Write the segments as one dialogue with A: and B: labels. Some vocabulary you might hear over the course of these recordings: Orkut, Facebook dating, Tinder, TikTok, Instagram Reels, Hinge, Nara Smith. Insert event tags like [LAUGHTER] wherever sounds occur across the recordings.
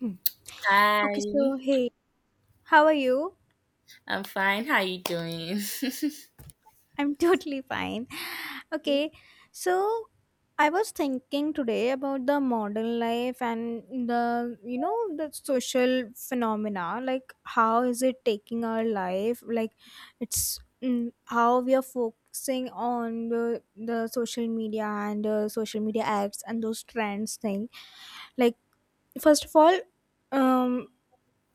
A: Mm. Okay, so
B: Hi,
A: hey, how are you?
B: I'm fine. How you doing?
A: I'm [LAUGHS] totally fine. Okay,
B: [LAUGHS]
A: so I was thinking today about the modern life and the you know the social phenomena, like, how is it taking our life? Like, it's how we are focusing on the social media and social media apps and those trends thing. Like, first of all, um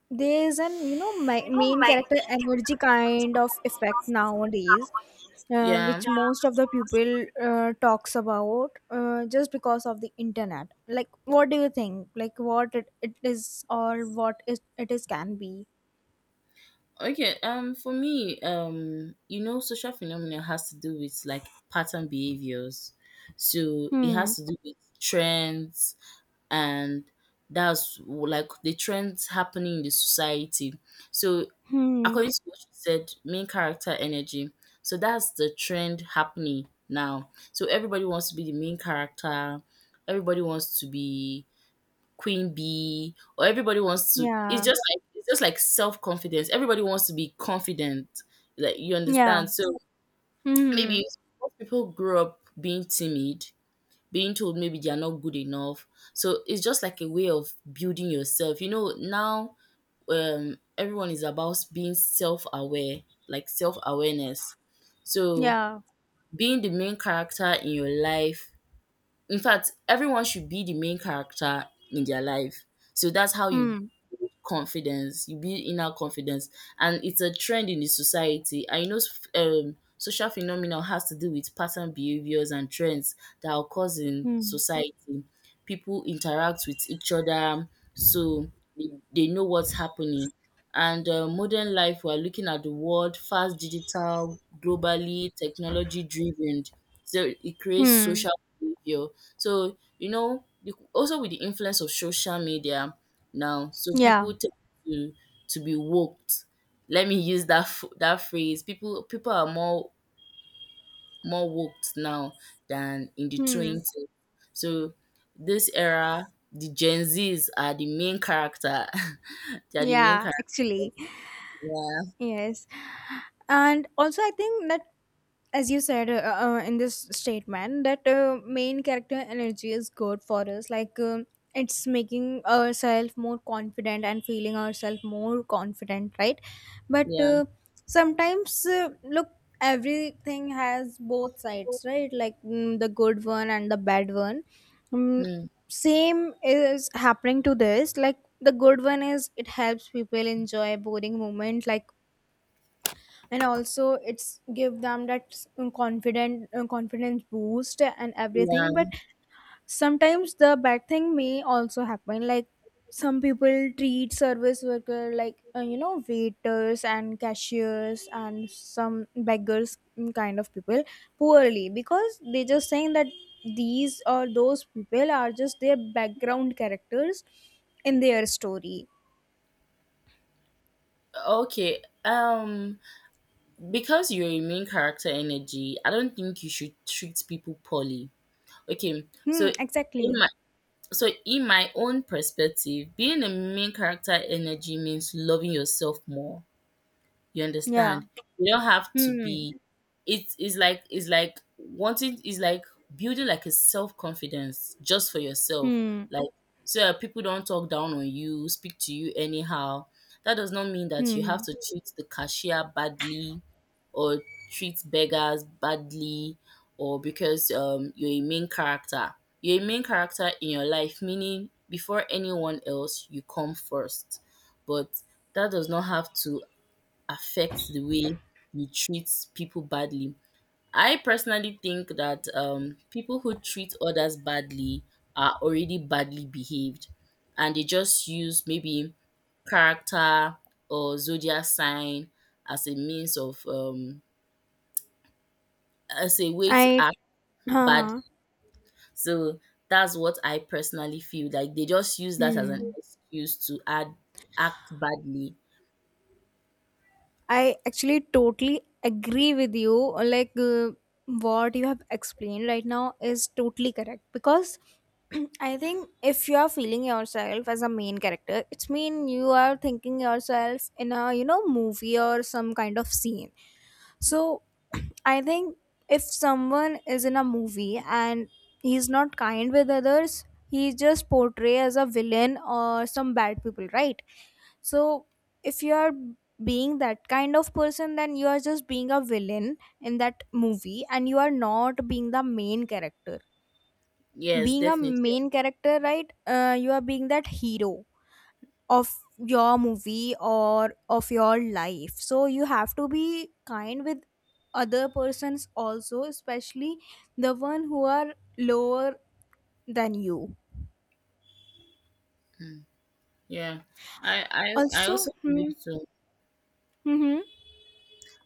A: there is an you know my main character energy kind of effect nowadays,
B: Yeah.
A: which most of the people talks about just because of the internet. Like, what do you think? Like, what it is or what it is can be?
B: Okay. For me, you know, social phenomena has to do with like pattern behaviors. So it
A: Hmm.
B: has to do with trends, and like the trends happening in the society. So
A: Hmm.
B: according to what you said, main character energy. So that's the trend happening now. So everybody wants to be the main character. Everybody wants to be Queen Bee, or everybody wants to it's
A: Yeah.
B: just like it's just like self-confidence. Everybody wants to be confident, like, you
A: Yeah.
B: understand? So,
A: Hmm.
B: maybe most people grew up being timid, being told maybe they are not good enough. So, it's just like a way of building yourself. You know, now, everyone is about being self-aware, like self-awareness. So,
A: Yeah.
B: being the main character in your life, in fact, everyone should be the main character in their life. So, that's how you
A: Hmm.
B: confidence, you build inner confidence, and it's a trend in the society. I know, social phenomenon has to do with pattern behaviors and trends that occurs in
A: Hmm.
B: society. People interact with each other, so they, they know what's happening. And modern life, we're looking at the world fast, digital, globally, technology driven. So it creates
A: Hmm.
B: social behavior. So, you know, also with the influence of social media, now. So
A: Yeah.
B: people tend to to be woked. Let me use that that phrase. People are more woked now than in the
A: Hmm.
B: twenties. So this era, the Gen Zs are the main character. [LAUGHS] They are the main
A: Yeah,
B: character.
A: actually.
B: Yeah.
A: Yes. And also, I think that, as you said, in this statement, that main character energy is good for us. Like, it's making ourselves more confident and feeling ourselves more confident, right? But,
B: Yeah.
A: sometimes, look, everything has both sides, right? Like, the good one and the bad one. Mm,
B: Hmm.
A: same is happening to this. Like, the good one is it helps people enjoy boring moment, like, and also it's give them that s- confident confidence boost and everything, but
B: Yeah.
A: sometimes the bad thing may also happen, like, some people treat service worker like, you know, waiters and cashiers and some beggars, kind of people, poorly because they just saying that these or those people are just their background characters in their story.
B: Okay. Because you're a main character energy, I don't think you should treat people poorly. Okay, so
A: Hmm,
B: in
A: exactly.
B: my So in my own perspective, being a main character energy means loving yourself more, you
A: Yeah.
B: understand? You don't have to
A: Hmm.
B: be it's like wanting, it's like building like a self confidence just for yourself.
A: Hmm.
B: Like, so that people don't talk down on you, speak to you anyhow. That does not mean that you have
A: Hmm.
B: to treat the cashier badly or treat beggars badly or because you're a main character. You're a main character in your life, meaning before anyone else you come first. But that does not have to affects the way you treat people badly. I personally think that people who treat others badly are already badly behaved and they just use maybe character or zodiac sign as a means of, as a way to
A: I.
B: act
A: हाँ,
B: bad.
A: हाँ।
B: So that's what I personally feel like they just use that as an
A: hmm.
B: excuse to add, act badly.
A: I actually totally agree with you. Like, what you have explained right now is totally correct because [CLEARS THROAT] I think if you are feeling yourself as a main character, it's mean you are thinking yourself in a, you know, movie or some kind of scene. So [CLEARS THROAT] I think if someone is in a movie and he's not kind with others, he just portray as a villain or some bad people, right? So if you are being that kind of person then you are just being a villain in that movie and you are not being the main character,
B: Yes,
A: being a
B: definitely.
A: main character, right, you are being that hero of your movie or of your life, so you have to be kind with other persons also, especially the one who are lower than you.
B: Mm, yeah, I also
A: Also,
B: believe
A: hmm,
B: so.
A: mhm.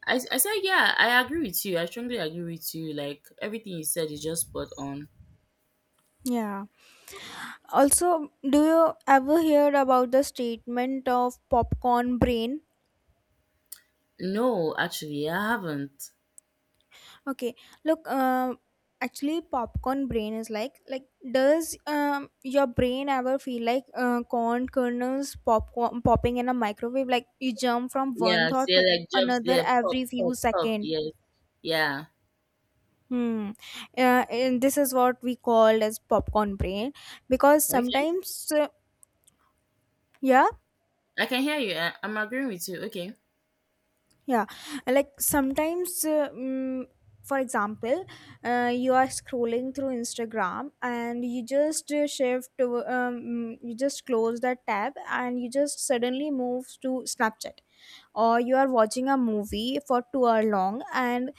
B: I said, yeah, I agree with you. I strongly agree with you. Like, everything you said is just spot on.
A: Yeah. Also, do you ever hear about the statement of popcorn brain?
B: No, actually, I haven't.
A: Okay, look, actually, popcorn brain is like does your brain ever feel like, corn kernels popcorn popping in a microwave? Like, you jump from one
B: Yeah,
A: thought
B: see,
A: to
B: like jobs,
A: another
B: yeah, pop,
A: every
B: pop,
A: few
B: pop.
A: second.
B: Yes. Yeah.
A: Hmm. And this is what we call as popcorn brain because
B: Okay.
A: sometimes yeah.
B: I can hear you. I'm agreeing with you. Okay.
A: Yeah, like sometimes, for example, you are scrolling through Instagram and you just shift, to, you just close that tab and you just suddenly move to Snapchat, or you are watching a movie for 2 hour long and,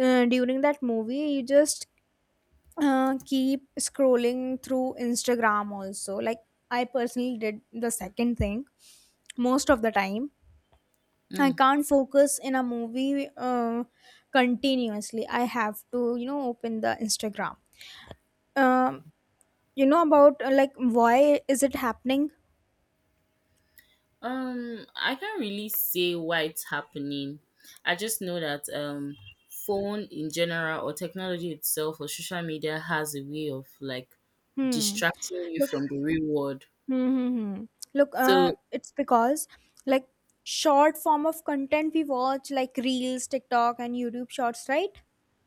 A: during that movie you just keep scrolling through Instagram also. Like, I personally did the second thing most of the time. I
B: Mm.
A: can't focus in a movie, continuously. I have to, you know, open the Instagram. Um, you know about, like, why is it happening?
B: I can't really say why it's happening. I just know that phone in general or technology itself or social media has a way of like
A: Hmm.
B: distracting you
A: Look.
B: from the real world.
A: Hmm, hmm, hmm. Look.
B: So
A: It's because, like, short form of content we watch, like, reels, TikTok, and YouTube Shorts, right?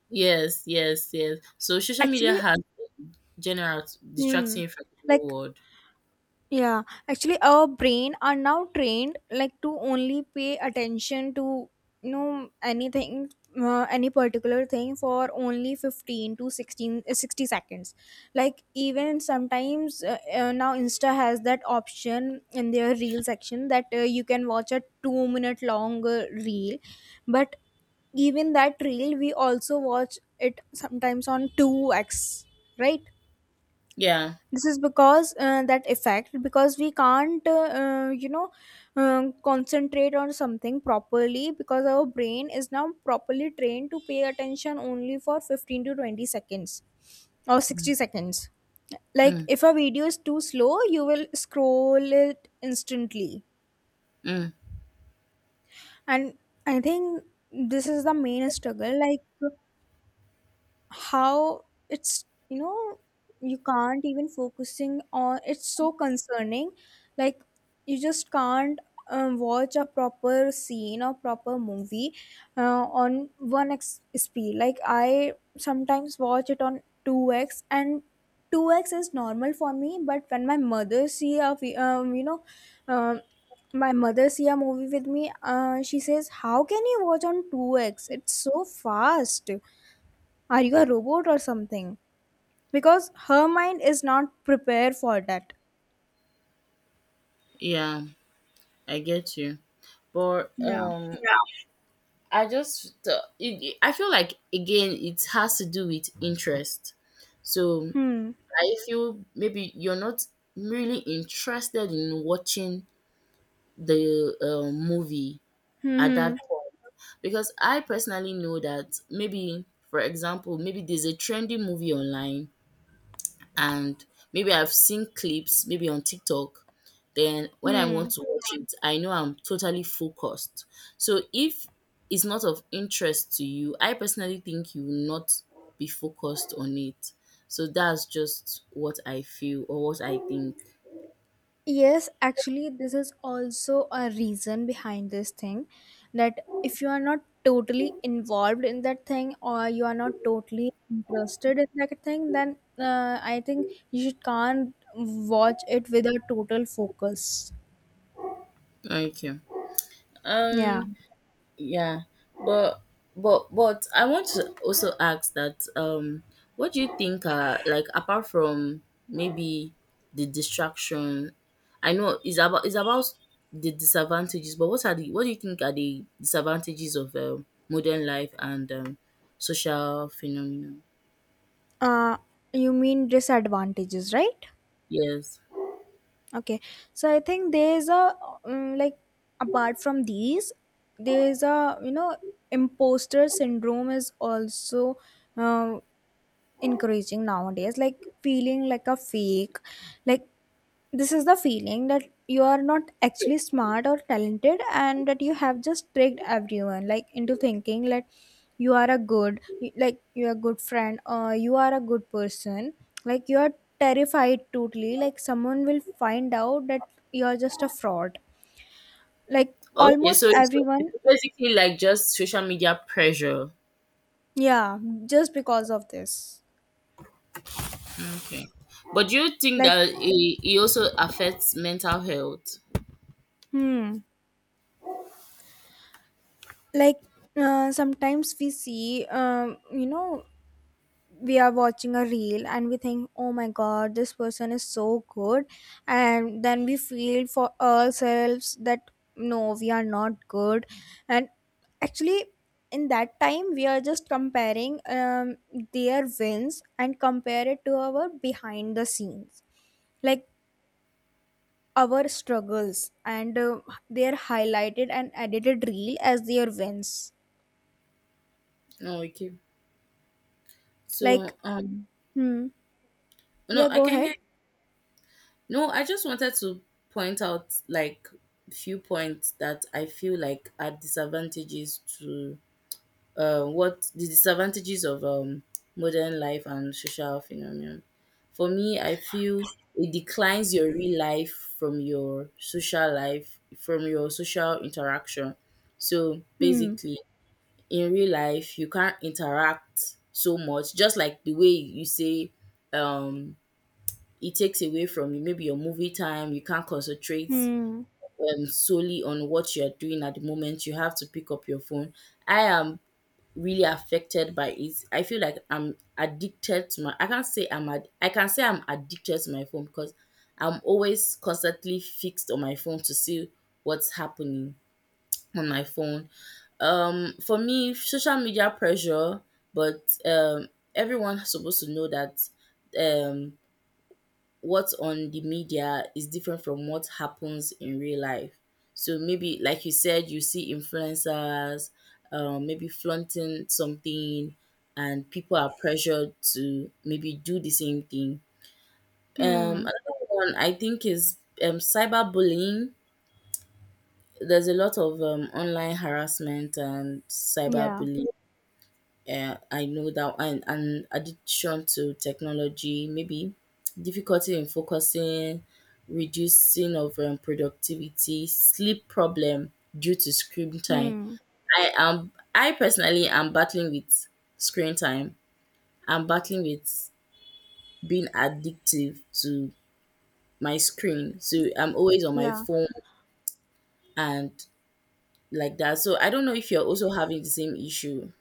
B: yes, yes, yes. So social media
A: Actually,
B: has general distracting
A: hmm.
B: you from the real
A: Like,
B: world.
A: yeah, actually, our brain are now trained like to only pay attention to, you know, anything, any particular thing for only 15 to 16, 60 seconds. Like, even sometimes now Insta has that option in their reel section that, you can watch a 2 minute long, reel, but even that reel we also watch it sometimes on 2x, right?
B: Yeah.
A: This is because that effect, because we can't you know, concentrate on something properly because our brain is now properly trained to pay attention only for 15 to 20 seconds or
B: Mm,
A: 60 seconds. Like,
B: mm,
A: if a video is too slow you will scroll it instantly,
B: mm.
A: and I think this is the main struggle, like, how it's, you know, you can't even focusing on, it's so concerning. Like, you just can't watch a proper scene or proper movie on 1x speed. Like, I sometimes watch it on 2x, and 2x is normal for me, but when my mother see a vi- you know um, my mother see a movie with me, she says, how can you watch on 2x? It's so fast. Are you a robot or something? Because her mind is not prepared for that.
B: Yeah, I get you. But
A: Yeah.
B: yeah. I just I feel like again it has to do with interest. So
A: Hmm.
B: I feel maybe you're not really interested in watching the movie
A: Hmm.
B: at that
A: Hmm.
B: point because I personally know that maybe for example maybe there's a trendy movie online and maybe I've seen clips maybe on TikTok. Then when I want
A: Hmm.
B: to watch it, I know I'm totally focused. So if it's not of interest to you, I personally think you will not be focused on it. So that's just what I feel or what I think.
A: Yes, actually, this is also a reason behind this thing, that if you are not totally involved in that thing or you are not totally interested in that thing, then I think you should can't watch it with a total focus.
B: Okay.
A: Yeah.
B: Um yeah, but but I want to also ask that what do you think are like apart from maybe the distraction? I know it's about the disadvantages, but what are the what do you think are the disadvantages of modern life and social phenomenon?
A: Uh, you mean disadvantages, right?
B: Yes.
A: Okay, so I think there's a like, apart from these, there's a, you know, imposter syndrome is also uh, encouraging nowadays. Like, feeling like a fake, like, this is the feeling that you are not
B: So,
A: actually smart or talented and that you have just tricked everyone, like, into thinking like you are a good, like, you are a good friend or you are a good person, like, you are terrified totally like someone will find out that you are just a fraud, like
B: okay,
A: almost
B: so it's
A: everyone.
B: basically like just social media pressure.
A: Yeah, just because of this.
B: Okay, but do you think
A: Like,
B: that it also affects mental health?
A: hmm, like, sometimes we see, you know, we are watching a reel and we think, oh my god, this person is so good, and then we feel for ourselves that, no, we are not good, and actually in that time we are just comparing, their wins and compare it to our behind the scenes, like our struggles and, they are highlighted and edited reel as their wins.
B: Oh, okay. So,
A: Like, hmm,
B: no,
A: yeah,
B: I
A: go
B: can
A: ahead.
B: hear. No, I just wanted to point out like few points that I feel like are disadvantages to what the disadvantages of modern life and social phenomenon. For me, I feel it declines your real life from your social life, from your social interaction. So
A: Hmm.
B: basically, in real life you can't interact so much just like the way you say um it takes away from you maybe your movie time, you can't concentrate
A: Hmm.
B: solely on what you're doing at the moment. You have to pick up your phone. I am really affected by it. I feel like I'm addicted to my I can't say I'm ad- I can say I'm addicted to my phone because I'm always constantly fixed on my phone to see what's happening on my phone. Um, for me, social media pressure, but everyone's supposed to know that um what's on the media is different from what happens in real life. So maybe like you said, you see influencers maybe flaunting something, and people are pressured to maybe do the same thing. Um,
A: Hmm.
B: another one I think is cyberbullying. There's a lot of online harassment and
A: Yeah.
B: cyberbullying. Yeah, I know that. And addiction to technology, maybe difficulty in focusing, reducing of productivity, sleep problem due to screen time.
A: Hmm.
B: I personally am battling with screen time. I'm battling with being addictive to my screen. So I'm always on my
A: Yeah.
B: phone and like that. So I don't know if you're also having the same issue.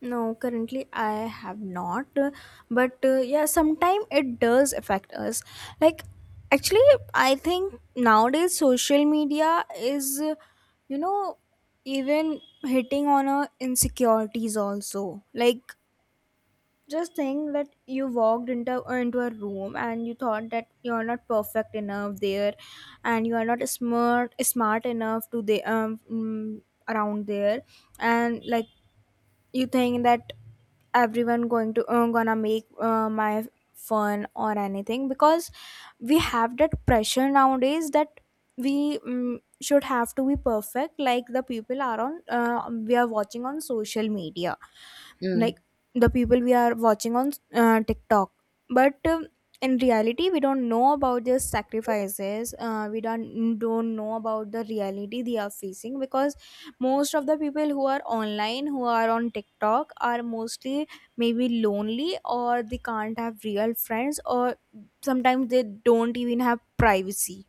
A: No, currently I have not. But, yeah, sometimes it does affect us. Like, actually, I think nowadays social media is, you know, even hitting on our insecurities also. Like, just think that you walked into a room and you thought that you're not perfect enough there, and you are not smart enough to the around there, and like you think that everyone going to, gonna make, my fun or anything because we have that pressure nowadays that we should have to be perfect like the people are on, we are watching on social media,
B: Mm.
A: like the people we are watching on, TikTok. But in reality, we don't know about their sacrifices. We don't know about the reality they are facing because most of the people who are online, who are on TikTok, are mostly maybe lonely or they can't have real friends or sometimes they don't even have privacy.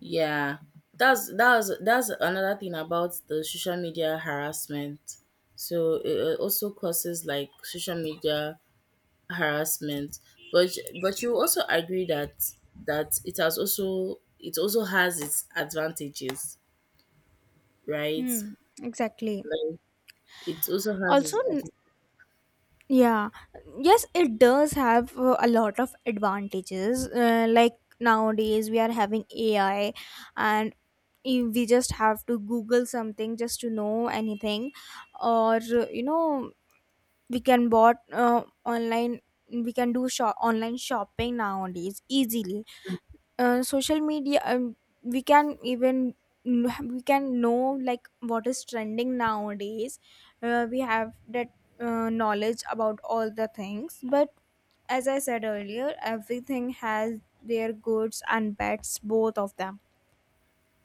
B: Yeah, that's another thing about the social media harassment. So it also causes like social media harassment, but you also agree that it has also it also has its advantages, right?
A: Hmm. Exactly.
B: Like it also has
A: Also,
B: its
A: yeah, yes, it does have, a lot of advantages. Like, nowadays, we are having AI, and we just have to Google something just to know anything, or, you know, we can bought, online. We can do shop online shopping nowadays easily, social media, we can even, we can know like what is trending nowadays, we have that, knowledge about all the things, but as I said earlier everything has their goods and bads, both of them,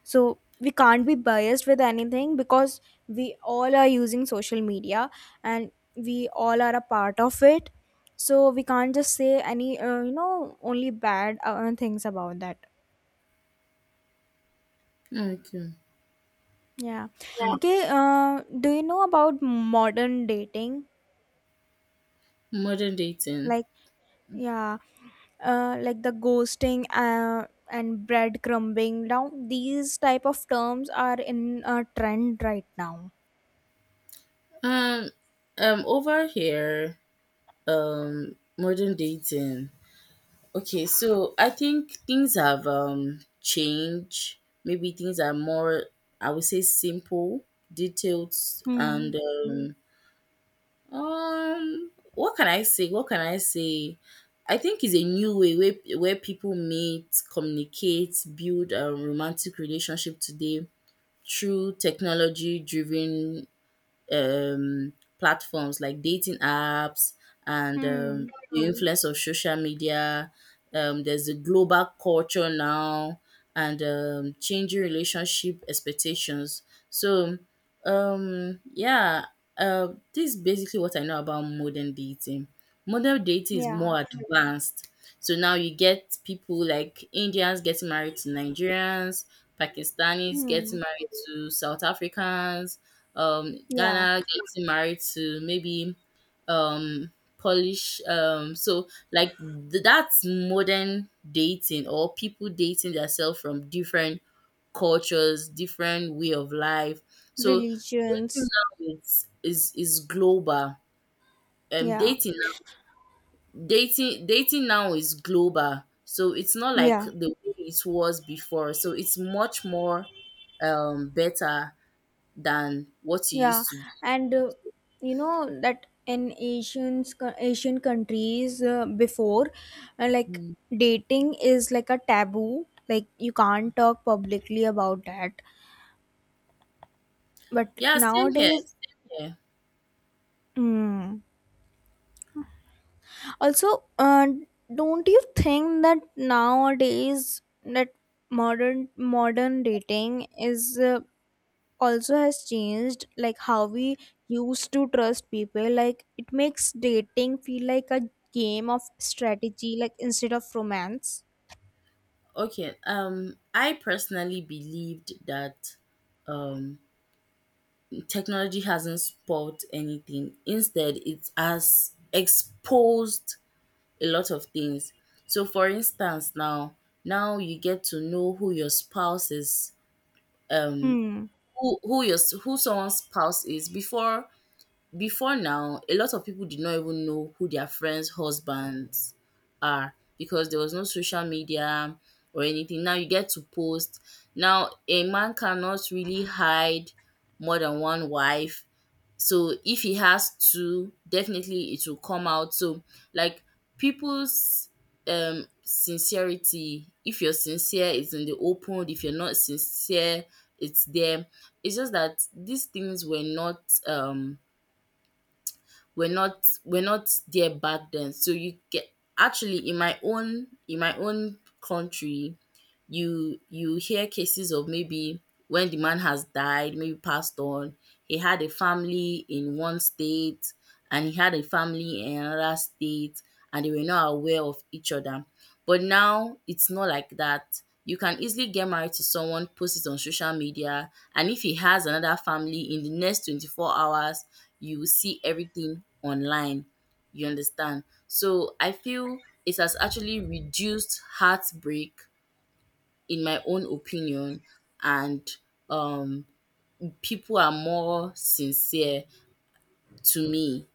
A: so we can't be biased with anything because we all are using social media and we all are a part of it, so we can't just say any, you know, only bad, things about that.
B: advantages. Okay.
A: Yeah. Okay, do you know about modern dating?
B: Modern dating.
A: Like, yeah, like the ghosting, and breadcrumbing. Now, these type of terms are in a trend right now.
B: Um over here, modern dating. Okay, so I think things have changed. Maybe things are more, I would say, simple, detailed, and
A: Hmm.
B: what can I say? What can I say? I think it's a new way where people meet, communicate, build a romantic relationship today through technology-driven um, platforms like dating apps and
A: Hmm.
B: the influence of social media. There's a global culture now and changing relationship expectations. So, yeah, this is basically what I know about modern dating. Modern dating is
A: Yeah.
B: more advanced. So now you get people like Indians getting married to Nigerians, Pakistanis
A: Hmm.
B: getting married to South Africans,
A: Yeah.
B: Ghana getting married to maybe um Polish so like that's modern dating, or people dating themselves from different cultures, different way of life. So dating
A: Religions.
B: now is global.
A: Yeah.
B: Dating now, dating now is global. So it's not like
A: Yeah.
B: the way it was before. So it's much more better than what it
A: Yeah,
B: used to
A: and, you know that in Asians, Asian countries, before, like,
B: be.
A: dating is like a taboo. Like, you can't talk publicly about that. But
B: Yeah, same here.
A: nowadays,
B: Same here.
A: mm, also, don't you think that nowadays that modern dating is, also has changed, like, how we used to trust people, like, it makes dating feel like a game of strategy, like, instead of romance.
B: Okay. I personally believed that um technology hasn't spoiled anything. Instead, it has exposed a lot of things. So, for instance, now you get to know who your spouse is. Um,
A: Hmm.
B: who your who someone's spouse is before, before now, a lot of people did not even know who their friends' husbands are because there was no social media or anything. Now you get to post. Now a man cannot really hide more than one wife. So if he has two, definitely it will come out. So like people's sincerity, if you're sincere, it's in the open. If you're not sincere, it's there. It's just that these things were not we're not there back then. So you get actually in my own country, you hear cases of maybe when the man has died, maybe passed on, he had a family in one state and he had a family in another state and they were not aware of each other. But now it's not like that. You can easily get married to someone, post it on social media, and if he has another family in the next 24 hours, you will see everything online. You understand? So I feel it has actually reduced heartbreak, in my own opinion, and um, people are more sincere to me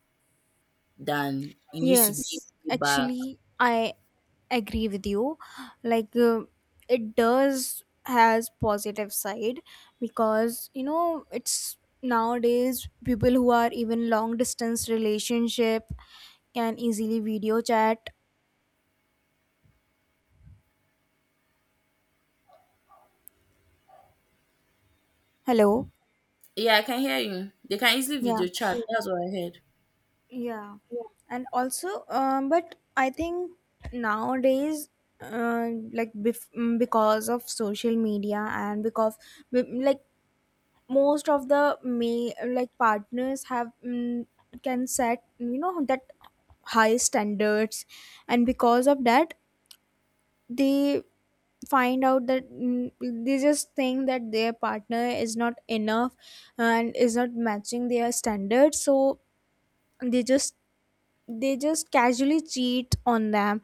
B: than it used to be
A: Yes,
B: back.
A: actually, I agree with you. Like, it does has positive side because, you know, it's nowadays people who are even long distance relationship can easily video chat. Hello?
B: Yeah, I can hear you. They can easily
A: Yeah.
B: video chat. That's what I heard.
A: Yeah, and also, but I think nowadays, like, because of social media and because, like, most of the may like partners have, can set, you know, that high standards, and because of that they find out that, they just think that their partner is not enough and is not matching their standards, so they just they just casually cheat on them,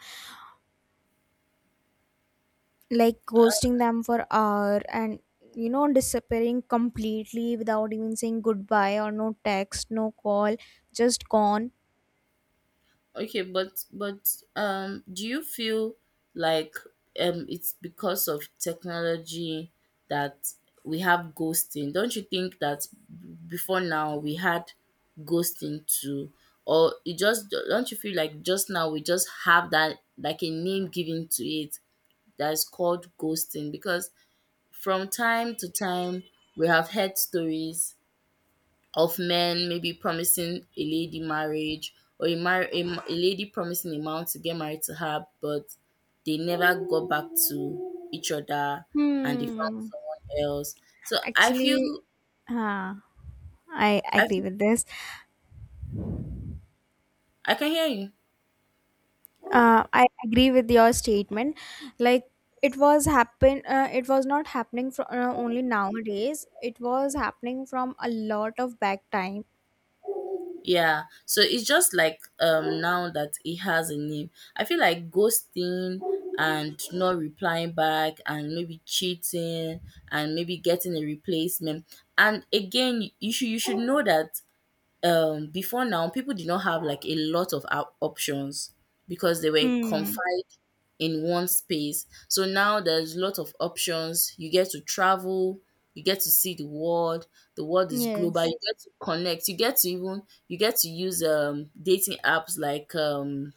A: like ghosting them for hour and, you know, disappearing completely without even saying goodbye or no text no call, just gone.
B: Okay, but do you feel like it's because of technology that we have ghosting? Don't you think that before now we had ghosting too, or it just don't you feel like just now we just have that like a name given to it that is called ghosting? Because from time to time we have heard stories of men maybe promising a lady marriage or a lady promising a man to get married to her, but they never got back to each other and they found
A: Hmm.
B: someone else. So I
A: Actually,
B: feel,
A: uh, I
B: I
A: agree
B: feel,
A: with this.
B: I can hear you.
A: I agree with your statement. Like, it was happen, it was not happening from, only nowadays, it was happening from a lot of back time.
B: Yeah. So it's just like now that it has a name. I feel like ghosting and not replying back and maybe cheating and maybe getting a replacement. And again, you should know that before now people did not have like a lot of op- options because they were
A: Hmm.
B: confined in one space. So now there's a lot of options. You get to travel, you get to see the world, the world is global,
A: Yes.
B: you get to connect, you get to even you get to use dating apps like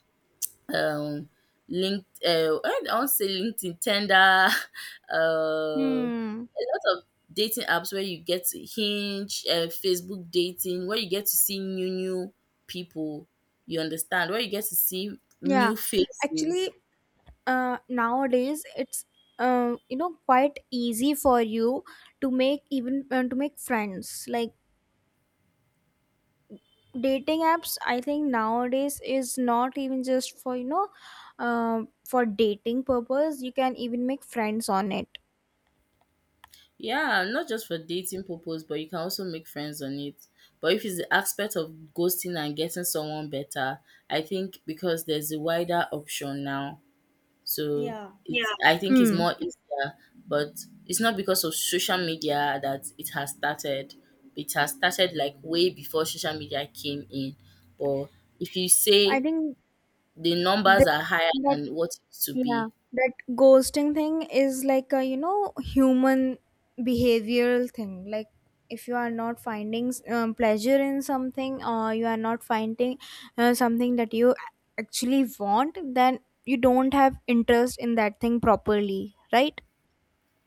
B: um linked I don't say LinkedIn, Tinder, [LAUGHS]
A: Hmm.
B: a lot of dating apps where you get to hinge, Facebook dating, where you get to see new people, you understand, where you get to see
A: Yeah,
B: new
A: actually,
B: faces.
A: nowadays it's, you know, quite easy for you to make even, to make friends. Like, dating apps, I think nowadays is not even just for, you know, for dating purpose. You can even make friends on it.
B: Yeah, not just for dating purpose, but you can also make friends on it. But if it's the aspect of ghosting and getting someone better, I think because there's a wider option now. So
A: Yeah.
B: it's, yeah, I think it's
A: Hmm.
B: more easier, but it's not because of social media that it has started. It has started like way before social media came in. But if you
A: I
B: say
A: think
B: the numbers
A: that,
B: are higher
A: that
B: than what it used to
A: yeah,
B: be,
A: that ghosting thing is like a, you know, human behavioral thing. Like, if you are not finding pleasure in something or you are not finding, something that you actually want, then you don't have interest in that thing properly, right?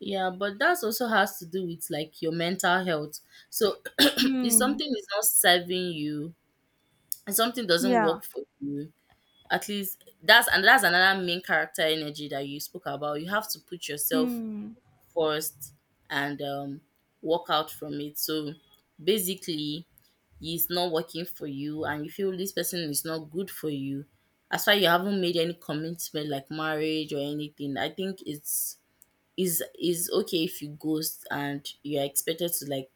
B: yeah, but that also has to do with like your mental health. So [CLEARS THROAT] if
A: Hmm.
B: something is not serving you and something doesn't
A: Yeah.
B: work for you, at least that's and that's another main character energy that you spoke about. You have to put yourself
A: Hmm.
B: first and walk out from it. So basically, it's not working for you, and you feel this person is not good for you. As far you haven't made any commitment like marriage or anything, I think it's is okay if you ghost and you are expected to like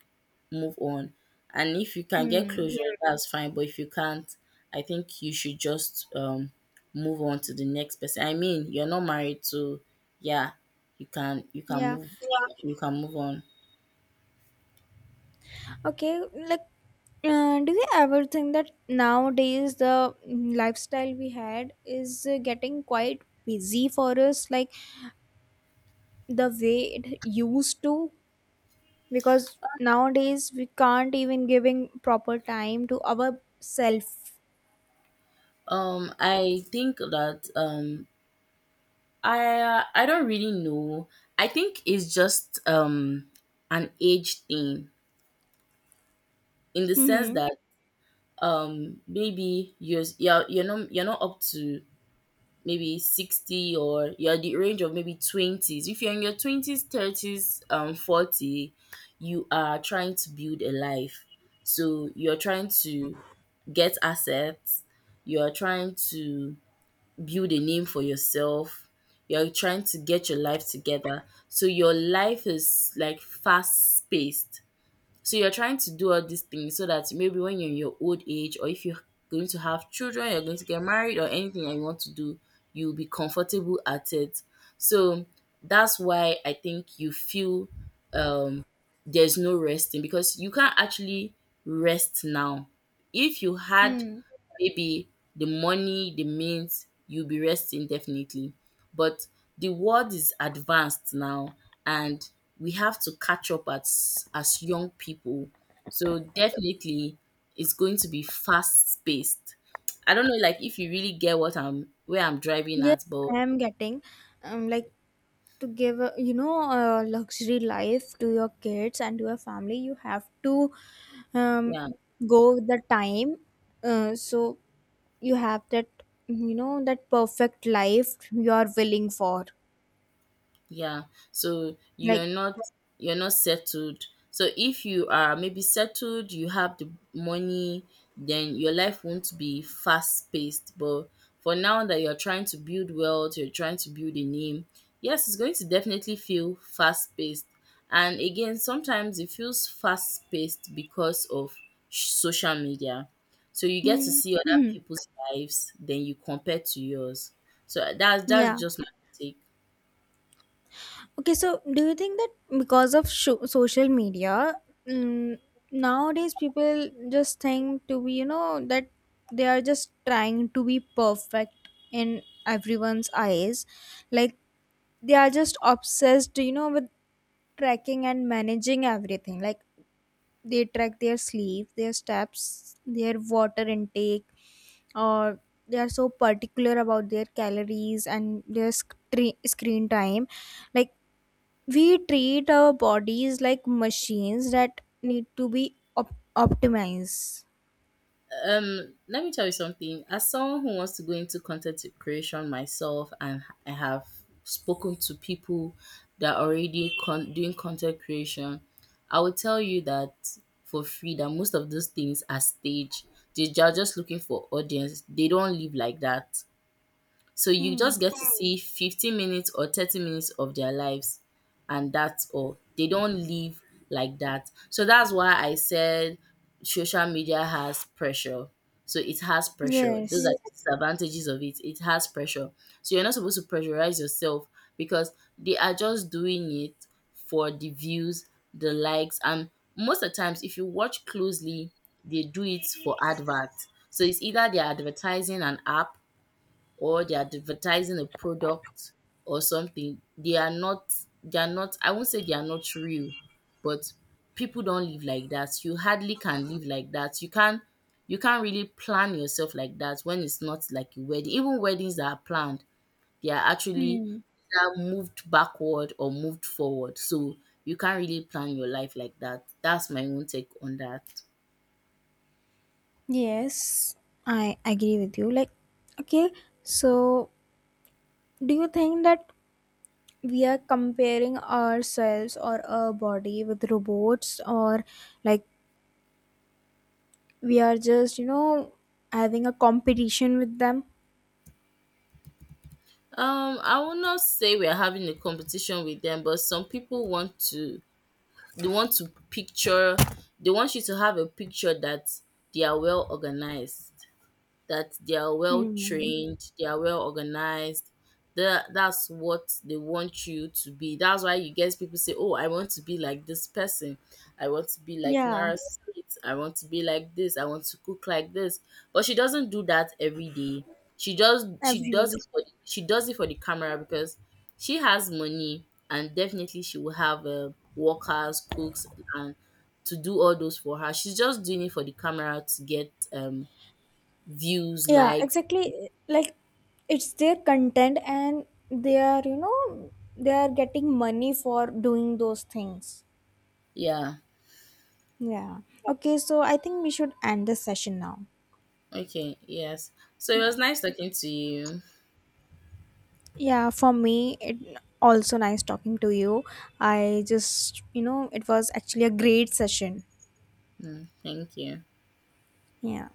B: move on. And if you can get
A: Hmm.
B: closure, that's fine. But if you can't, I think you should just move on to the next person. I mean, you're not married, so yeah, you can you can
A: Yeah.
B: move you can move on.
A: Okay, like, do you ever think that nowadays the, lifestyle we had is, getting quite busy for us, like the way it used to? Because nowadays we can't even giving proper time to our self.
B: I think that um, I don't really know. I think it's just an age thing in the sense
A: Mm-hmm.
B: that maybe you're not up to maybe 60, or you're the range of maybe 20s if you're in your 20s, 30s, 40, you are trying to build a life, so you're trying to get assets, you're trying to build a name for yourself. You're trying to get your life together. So your life is like fast paced. So you're trying to do all these things so that maybe when you're in your old age or if you're going to have children, you're going to get married or anything that you want to do, you'll be comfortable at it. So that's why I think you feel um there's no resting because you can't actually rest now. If you had maybe the money, the means, you'll be resting definitely. But the world is advanced now and we have to catch up as young people. So definitely it's going to be fast paced. I don't know like if you really get what I'm where I'm driving
A: Yes,
B: at, but
A: I am getting, like, to give a, you know, a luxury life to your kids and to your family, you have to, um
B: yeah.
A: go with the time, so you have that, you know, that perfect life you are willing for.
B: Yeah. So
A: Like,
B: you're not settled. So if you are maybe settled, you have the money, then your life won't be fast paced. But for now that you're trying to build wealth, you're trying to build a name, yes, it's going to definitely feel fast paced. And again, sometimes it feels fast paced because of sh- social media. So you get to
A: hmm,
B: see other
A: [CLEARS THROAT]
B: people's lives, then you compare to yours. So that's
A: yeah.
B: just my take.
A: Okay, so do you think that because of social media, mm, nowadays people just think to be, you know, that they are just trying to be perfect in everyone's eyes. Like, they are just obsessed, you know, with tracking and managing everything. Like, they track their sleep, their steps, their water intake, or they are so particular about their calories and their screen time. Like, we treat our bodies like machines that need to be optimized.
B: Let me tell you something. As someone who wants to go into content creation myself, and I have spoken to people that are already con- doing content creation, I will tell you that for free that most of those things are staged. They are just looking for audience. They don't live like that. So you just get to see 15 minutes or 30 minutes of their lives, and that's all. They don't live like that. So that's why I said social media has pressure. So it has pressure. Those are
A: Yes.
B: the disadvantages of it. It has pressure. So you're not supposed to pressurize yourself because they are just doing it for the views, the likes, and most of the times if you watch closely, they do it for adverts. So it's either they're advertising an app or they're advertising a product or something. They are not I won't say they are not real, but people don't live like that. You hardly can live like that. You can't really plan yourself like that when it's not like a wedding. Even weddings that are planned, they are actually
A: Hmm.
B: either moved backward or moved forward. So you can't really plan your life like that. That's my own take on that.
A: Yes, I agree with you. Like, okay, so do you think that we are comparing ourselves or our body with robots, or like we are just, you know, having a competition with them?
B: I will not say we're having a competition with them, but some people want to they want to picture they want you to have a picture that they are well organized, that they are well
A: Hmm.
B: trained, they are well organized. That's what they want you to be. That's why you get people say, "Oh, I want to be like this person. I want to be like
A: Yeah,
B: Nara Smith. I want to be like this. I want to cook like this." But she doesn't do that every day. She
A: every
B: does it
A: week.
B: for the, she does it for the camera because she has money and definitely she will have workers, cooks, and to do all those for her. She's just doing it for the camera to get views,
A: Yeah,
B: likes.
A: exactly. Like, it's their content and they are, you know, they are getting money for doing those things.
B: Yeah.
A: Yeah. Okay, so I think we should end this session now.
B: Okay. Yes. So it
A: Yeah.
B: was nice talking to you.
A: Yeah, for me it also nice talking to you. I just, you know, it was actually a great session.
B: Mm, thank you.
A: Yeah.